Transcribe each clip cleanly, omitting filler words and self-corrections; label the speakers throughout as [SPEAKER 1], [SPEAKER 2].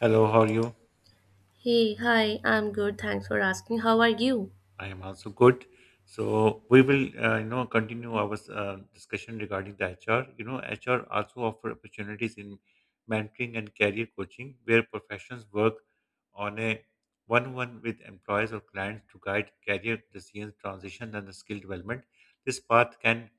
[SPEAKER 1] Hello, how are you?
[SPEAKER 2] Hey, hi, I'm good. Thanks for asking. How are you?
[SPEAKER 1] I am also good. So we will, continue our discussion regarding the HR. You know, HR also offer opportunities in mentoring and career coaching, where professionals work on a one-on-one with employees or clients to guide career decisions, transition, and the skill development. This path can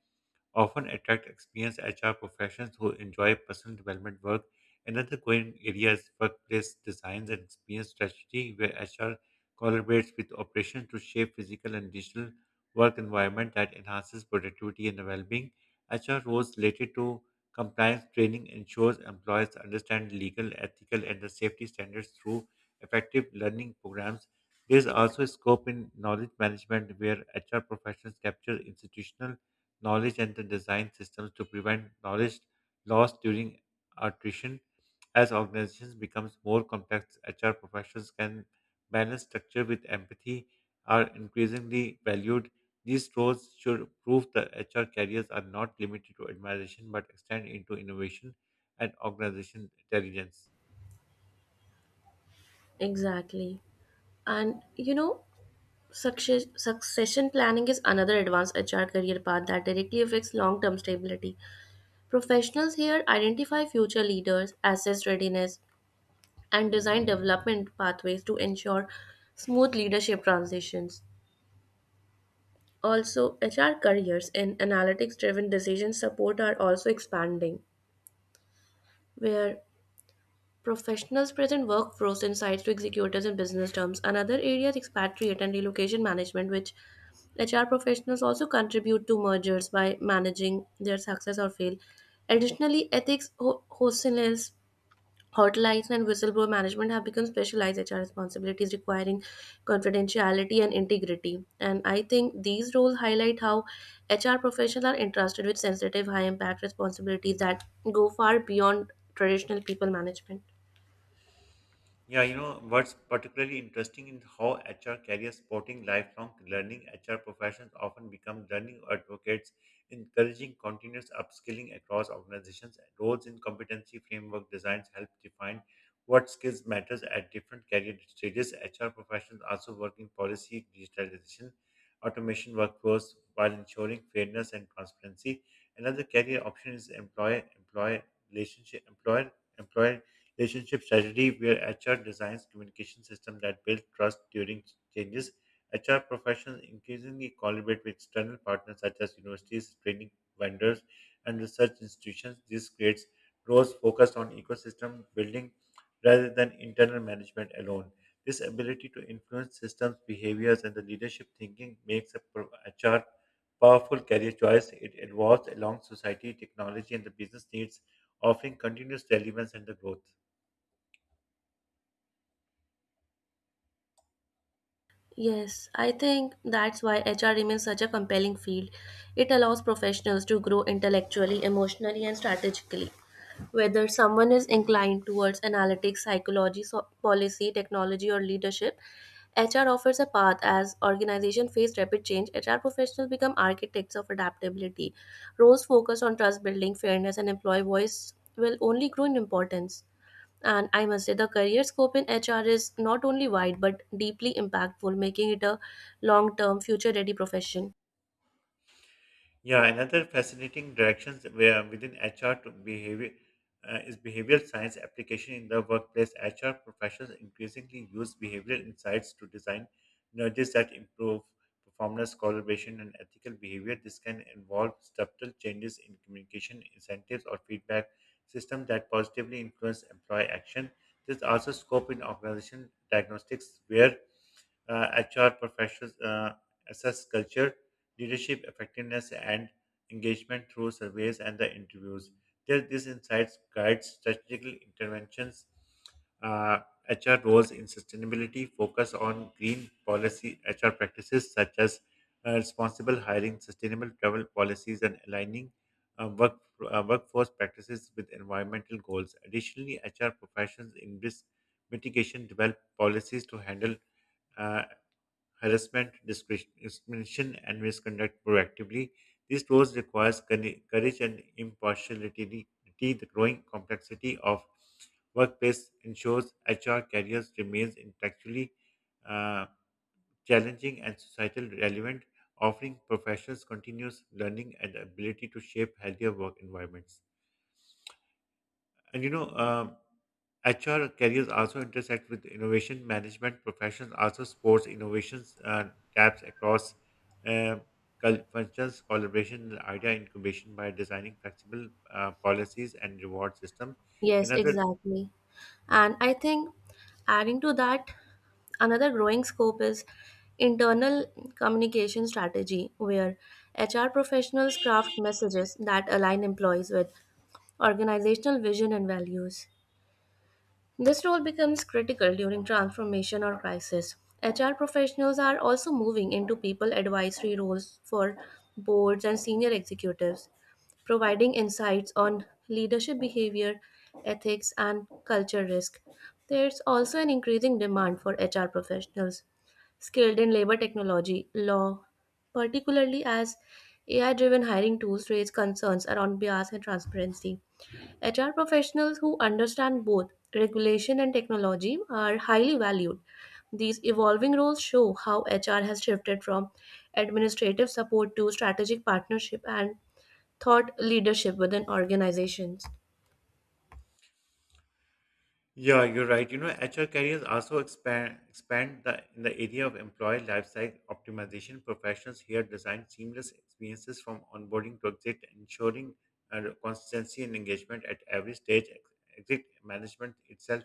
[SPEAKER 1] often attract experienced HR professionals who enjoy personal development work. Another growing area is workplace designs and experience strategy, where HR collaborates with operations to shape physical and digital work environment that enhances productivity and well-being. HR roles related to compliance training ensures employees understand legal, ethical, and the safety standards through effective learning programs. There is also a scope in knowledge management where HR professionals capture institutional knowledge and the design systems to prevent knowledge loss during attrition. As organizations becomes more complex, HR professionals can balance structure with empathy are increasingly valued. These roles should prove that HR careers are not limited to administration but extend into innovation and organization intelligence.
[SPEAKER 2] Exactly. And you know, succession planning is another advanced HR career path that directly affects long term stability. Professionals here identify future leaders, assess readiness, and design development pathways to ensure smooth leadership transitions. Also, HR careers in analytics driven decision support are also expanding, where Professionals present workflows insights to executors in business terms. Another area is expatriate and relocation management, which HR professionals also contribute to mergers by managing their success or fail. Additionally, ethics, hotlines, and whistleblower management have become specialized HR responsibilities requiring confidentiality and integrity. And I think these roles highlight how HR professionals are entrusted with sensitive, high impact responsibilities that go far beyond traditional people management.
[SPEAKER 1] Yeah, you know, what's particularly interesting in how HR carriers supporting lifelong learning, HR professionals often become learning advocates, encouraging continuous upskilling across organizations. Roles in competency framework designs help define what skills matters at different career stages. HR professionals also working policy, digitalization, automation workforce while ensuring fairness and transparency. Another career option is employer relationship employer employer Relationship strategy, where HR designs communication system that build trust during changes. HR professionals increasingly collaborate with external partners such as universities, training vendors, and research institutions. This creates roles focused on ecosystem building rather than internal management alone. This ability to influence systems, behaviors, and the leadership thinking makes HR powerful career choice. It evolves along society, technology, and the business needs, offering continuous relevance and the growth.
[SPEAKER 2] Yes, I think that's why HR remains such a compelling field. It allows professionals to grow intellectually, emotionally, and strategically. Whether someone is inclined towards analytics, psychology, policy, technology, or leadership, HR offers a path as organizations face rapid change. HR professionals become architects of adaptability. Roles focused on trust building, fairness, and employee voice will only grow in importance. And I must say, the career scope in HR is not only wide but deeply impactful, making it a long term, future ready profession.
[SPEAKER 1] Yeah, another fascinating directions where within HR to behavior uh, is behavioral science application in the workplace. HR professionals increasingly use behavioral insights to design nudges that improve performance, collaboration, and ethical behavior. This can involve subtle changes in communication, incentives, or feedback systems that positively influence employee action. There's also scope in organization diagnostics where HR professionals assess culture leadership effectiveness and engagement through surveys and the interviews. These insights guide strategic interventions, uh, HR roles in sustainability, focus on green policy HR practices such as responsible hiring, sustainable travel policies, and aligning uh, work, workforce practices with environmental goals. Additionally, HR professions in risk mitigation develop policies to handle uh, harassment, discrimination, and misconduct proactively. This role requires courage and impartiality. The growing complexity of workplace ensures HR careers remains intellectually uh, challenging and societal relevant, offering professionals continuous learning and the ability to shape healthier work environments. And you know, HR careers also intersect with innovation management professions, also sports innovations taps across um, functions, collaboration, and idea incubation by designing flexible policies and reward system.
[SPEAKER 2] Yes,
[SPEAKER 1] Another
[SPEAKER 2] exactly. And I think adding to that, another growing scope is internal communication strategy, where HR professionals craft messages that align employees with organizational vision and values. This role becomes critical during transformation or crisis. HR professionals are also moving into people advisory roles for boards and senior executives, providing insights on leadership behavior, ethics, and culture risk. There's also an increasing demand for HR professionals skilled in labor technology, law, particularly as AI driven hiring tools raise concerns around bias and transparency. HR professionals who understand both regulation and technology are highly valued. These evolving roles show how HR has shifted from administrative support to strategic partnership and thought leadership within organizations.
[SPEAKER 1] Yeah, you're right. You know, HR careers also expand the in the area of employee lifecycle optimization. Professionals here design seamless experiences from onboarding to exit, ensuring consistency and engagement at every stage. Exit management itself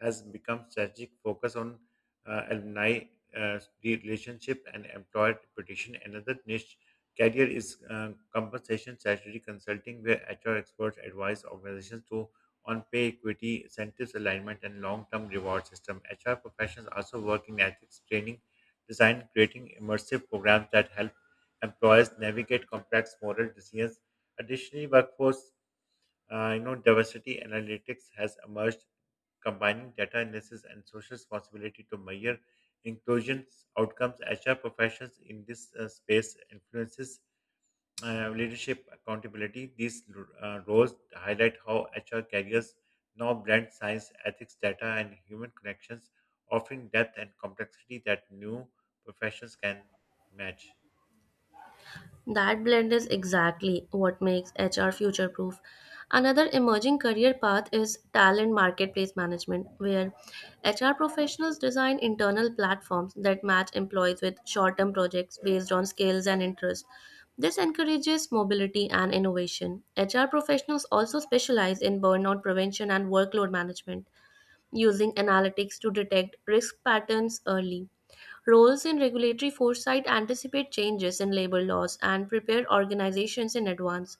[SPEAKER 1] has become strategic focus on alumni relationship and employer reputation. Another niche career is compensation strategy consulting, where HR experts advise organizations to on pay equity, incentives alignment, and long-term reward system. HR professionals also work in ethics training, design, creating immersive programs that help employers navigate complex moral decisions. Additionally, workforce diversity analytics has emerged, combining data analysis and social responsibility to measure inclusion outcomes. HR professionals in this space influences leadership accountability. These roles highlight how HR careers now blend science, ethics, data, and human connections, offering depth and complexity that new professions can match.
[SPEAKER 2] That blend is exactly what makes HR future proof. Another emerging career path is talent marketplace management, where HR professionals design internal platforms that match employees with short term projects based on skills and interests. This encourages mobility and innovation. HR professionals also specialize in burnout prevention and workload management, using analytics to detect risk patterns early. Roles in regulatory foresight anticipate changes in labor laws and prepare organizations in advance.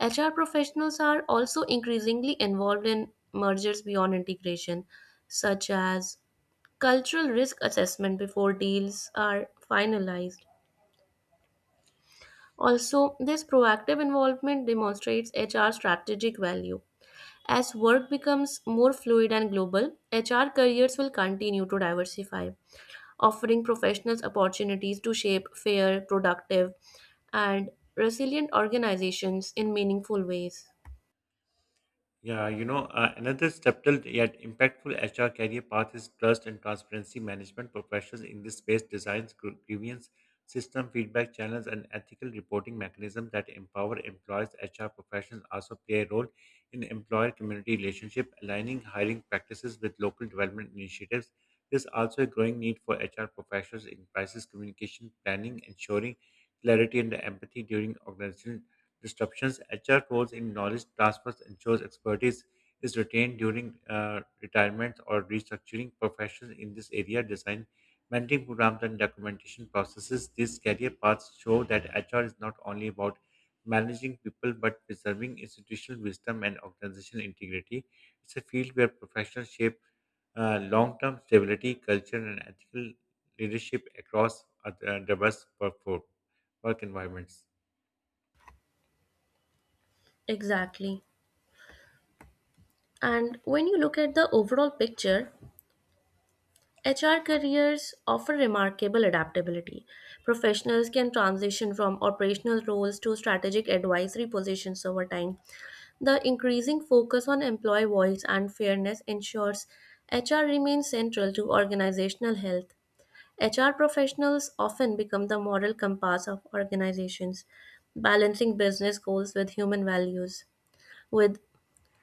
[SPEAKER 2] HR professionals are also increasingly involved in mergers beyond integration, such as cultural risk assessment before deals are finalized. Also, this proactive involvement demonstrates HR's strategic value. As work becomes more fluid and global, HR careers will continue to diversify, offering professionals opportunities to shape fair, productive, and resilient organizations in meaningful ways.
[SPEAKER 1] Yeah, you know, another subtle yet impactful HR career path is trust and transparency management. Professionals in this space designs grievance system, feedback channels, and ethical reporting mechanisms that empower employees. HR professionals also play a role in employer-community relationship, aligning hiring practices with local development initiatives. There's also a growing need for HR professionals in crisis communication planning, ensuring clarity and empathy during organizational disruptions, HR roles in knowledge transfers ensures expertise is retained during retirement or restructuring professions in this area, design, mentoring programs, and documentation processes. These career paths show that HR is not only about managing people but preserving institutional wisdom and organizational integrity. It's a field where professionals shape long-term stability, culture, and ethical leadership across diverse workforce work environments.
[SPEAKER 2] Exactly. And when you look at the overall picture, HR careers offer remarkable adaptability. Professionals can transition from operational roles to strategic advisory positions over time. The increasing focus on employee voice and fairness ensures HR remains central to organizational health. HR professionals often become the moral compass of organizations, balancing business goals with human values. With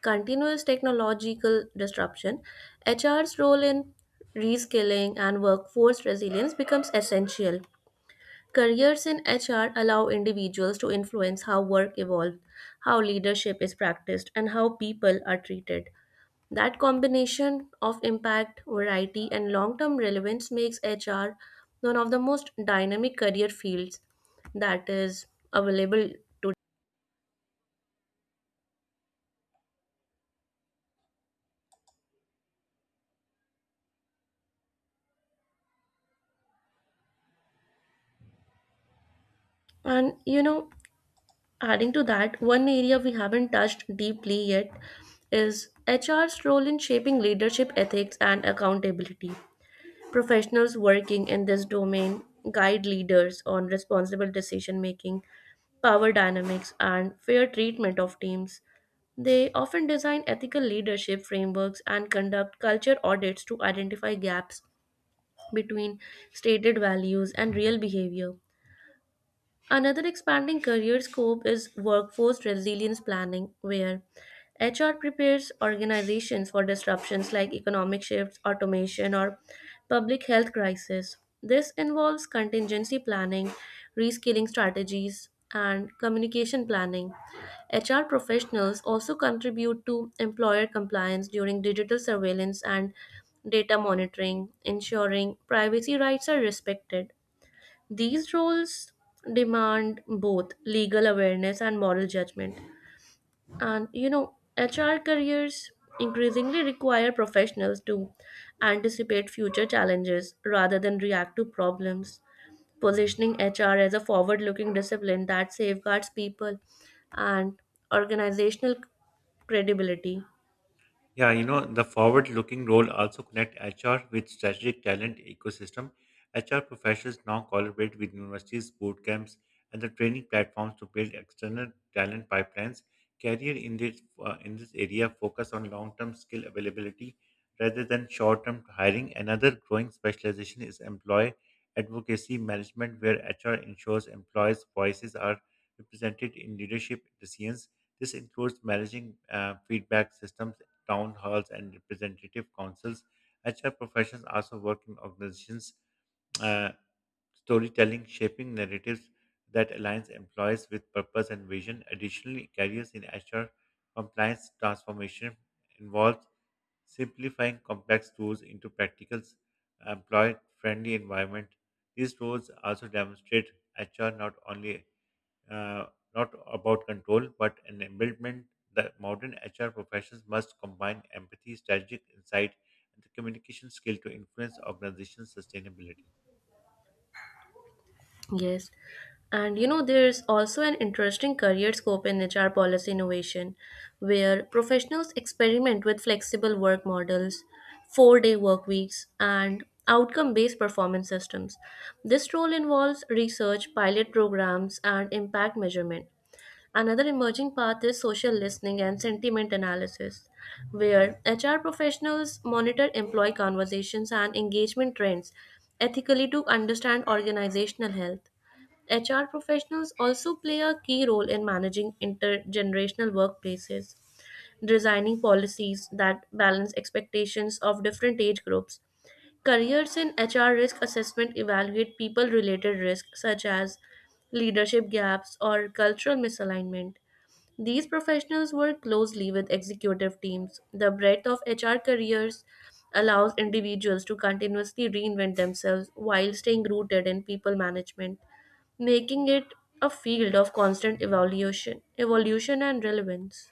[SPEAKER 2] continuous technological disruption, HR's role in reskilling and workforce resilience becomes essential. Careers in HR allow individuals to influence how work evolves, how leadership is practiced, and how people are treated. That combination of impact, variety, and long term relevance makes HR one of the most dynamic career fields that is available today. And you know, adding to that, one area we haven't touched deeply yet is HR's role in shaping leadership ethics and accountability. Professionals working in this domain guide leaders on responsible decision making, power dynamics, and fair treatment of teams. They often design ethical leadership frameworks and conduct culture audits to identify gaps between stated values and real behavior. Another expanding career scope is workforce resilience planning, where HR prepares organizations for disruptions like economic shifts, automation, or public health crisis. This involves contingency planning, reskilling strategies, and communication planning. HR professionals also contribute to employer compliance during digital surveillance and data monitoring, ensuring privacy rights are respected. These roles demand both legal awareness and moral judgment. And you know, HR careers increasingly require professionals to anticipate future challenges rather than react to problems, positioning HR as a forward looking discipline that safeguards people and organizational credibility.
[SPEAKER 1] Yeah, you know, the forward-looking role also connect HR with strategic talent ecosystem. HR professionals now collaborate with universities, boot camps, and the training platforms to build external talent pipelines. Career in this area focus on long-term skill availability rather than short-term hiring. Another growing specialization is employee advocacy management, where HR ensures employees' voices are represented in leadership decisions. This includes managing feedback systems town halls, and representative councils. HR professionals also work in organizations uh, storytelling shaping narratives that aligns employees with purpose and vision. Additionally, careers in HR compliance transformation involves simplifying complex tools into practical, employee-friendly environment. These roles also demonstrate HR not only uh, not about control, but an embodiment that modern HR professions must combine empathy, strategic insight, and the communication skill to influence organizational sustainability.
[SPEAKER 2] Yes. And you know, there's also an interesting career scope in HR policy innovation, where professionals experiment with flexible work models, four-day work weeks, and outcome based performance systems. This role involves research, pilot programs, and impact measurement. Another emerging path is social listening and sentiment analysis, where HR professionals monitor employee conversations and engagement trends ethically to understand organizational health. HR professionals also play a key role in managing intergenerational workplaces, designing policies that balance expectations of different age groups. Careers in HR risk assessment evaluate people related risks such as leadership gaps or cultural misalignment. These professionals work closely with executive teams. The breadth of HR careers allows individuals to continuously reinvent themselves while staying rooted in people management, making it a field of constant evaluation, evolution and relevance.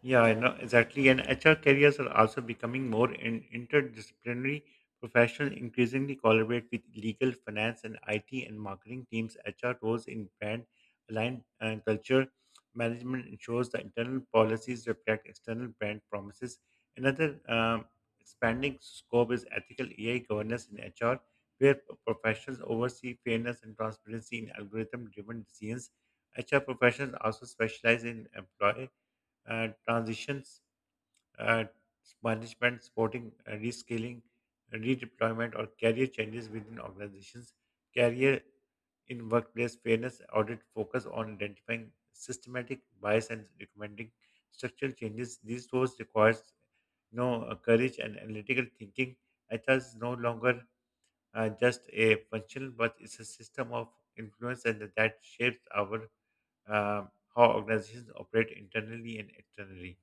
[SPEAKER 1] Yeah, I know exactly. And HR careers are also becoming more interdisciplinary. Professionals increasingly collaborate with legal, finance, and IT and marketing teams. HR roles in brand aligned and culture management ensures the internal policies reflect external brand promises. Another expanding scope is ethical AI governance in HR, where professionals oversee fairness and transparency in algorithm-driven decisions. HR professionals also specialize in employee uh, transitions, uh, management, supporting rescaling, redeployment, or career changes within organizations, career in workplace fairness audit focus on identifying systematic bias and recommending structural changes. These tools requires courage and analytical thinking. Ethos is no longer just a functional, but it's a system of influence and that shapes our uh, how organizations operate internally and externally.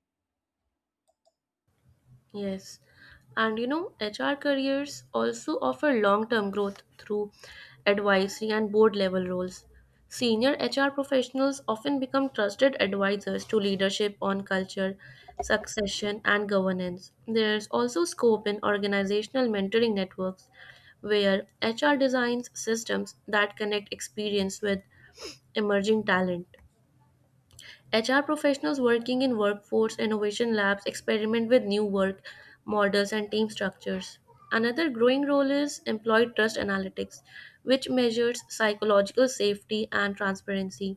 [SPEAKER 2] Yes. And you know, HR careers also offer long term growth through advisory and board level roles. Senior HR professionals often become trusted advisors to leadership on culture, succession, and governance. There's also scope in organizational mentoring networks where HR designs systems that connect experience with emerging talent. HR professionals working in workforce innovation labs experiment with new work models and team structures. Another growing role is employee trust analytics, which measures psychological safety and transparency.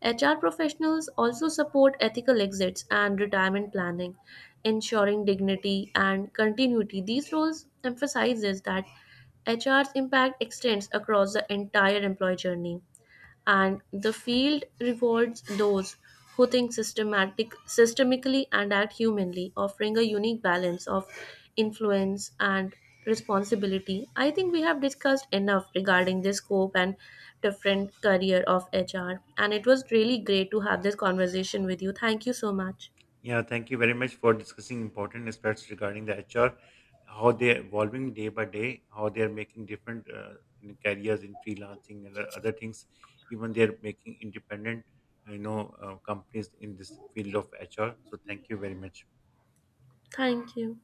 [SPEAKER 2] HR professionals also support ethical exits and retirement planning, ensuring dignity and continuity. These roles emphasizes that HR's impact extends across the entire employee journey and the field rewards those who think systematic systemically and act humanly, offering a unique balance of influence and responsibility. I think we have discussed enough regarding the scope and different career of HR, and it was really great to have this conversation with you. Thank you so much.
[SPEAKER 1] Yeah, thank you very much for discussing important aspects regarding the HR, how they're evolving day by day, how they're making different in careers in freelancing and other things. Even they're making independent, companies in this field of HR. So thank you very much.
[SPEAKER 2] Thank you.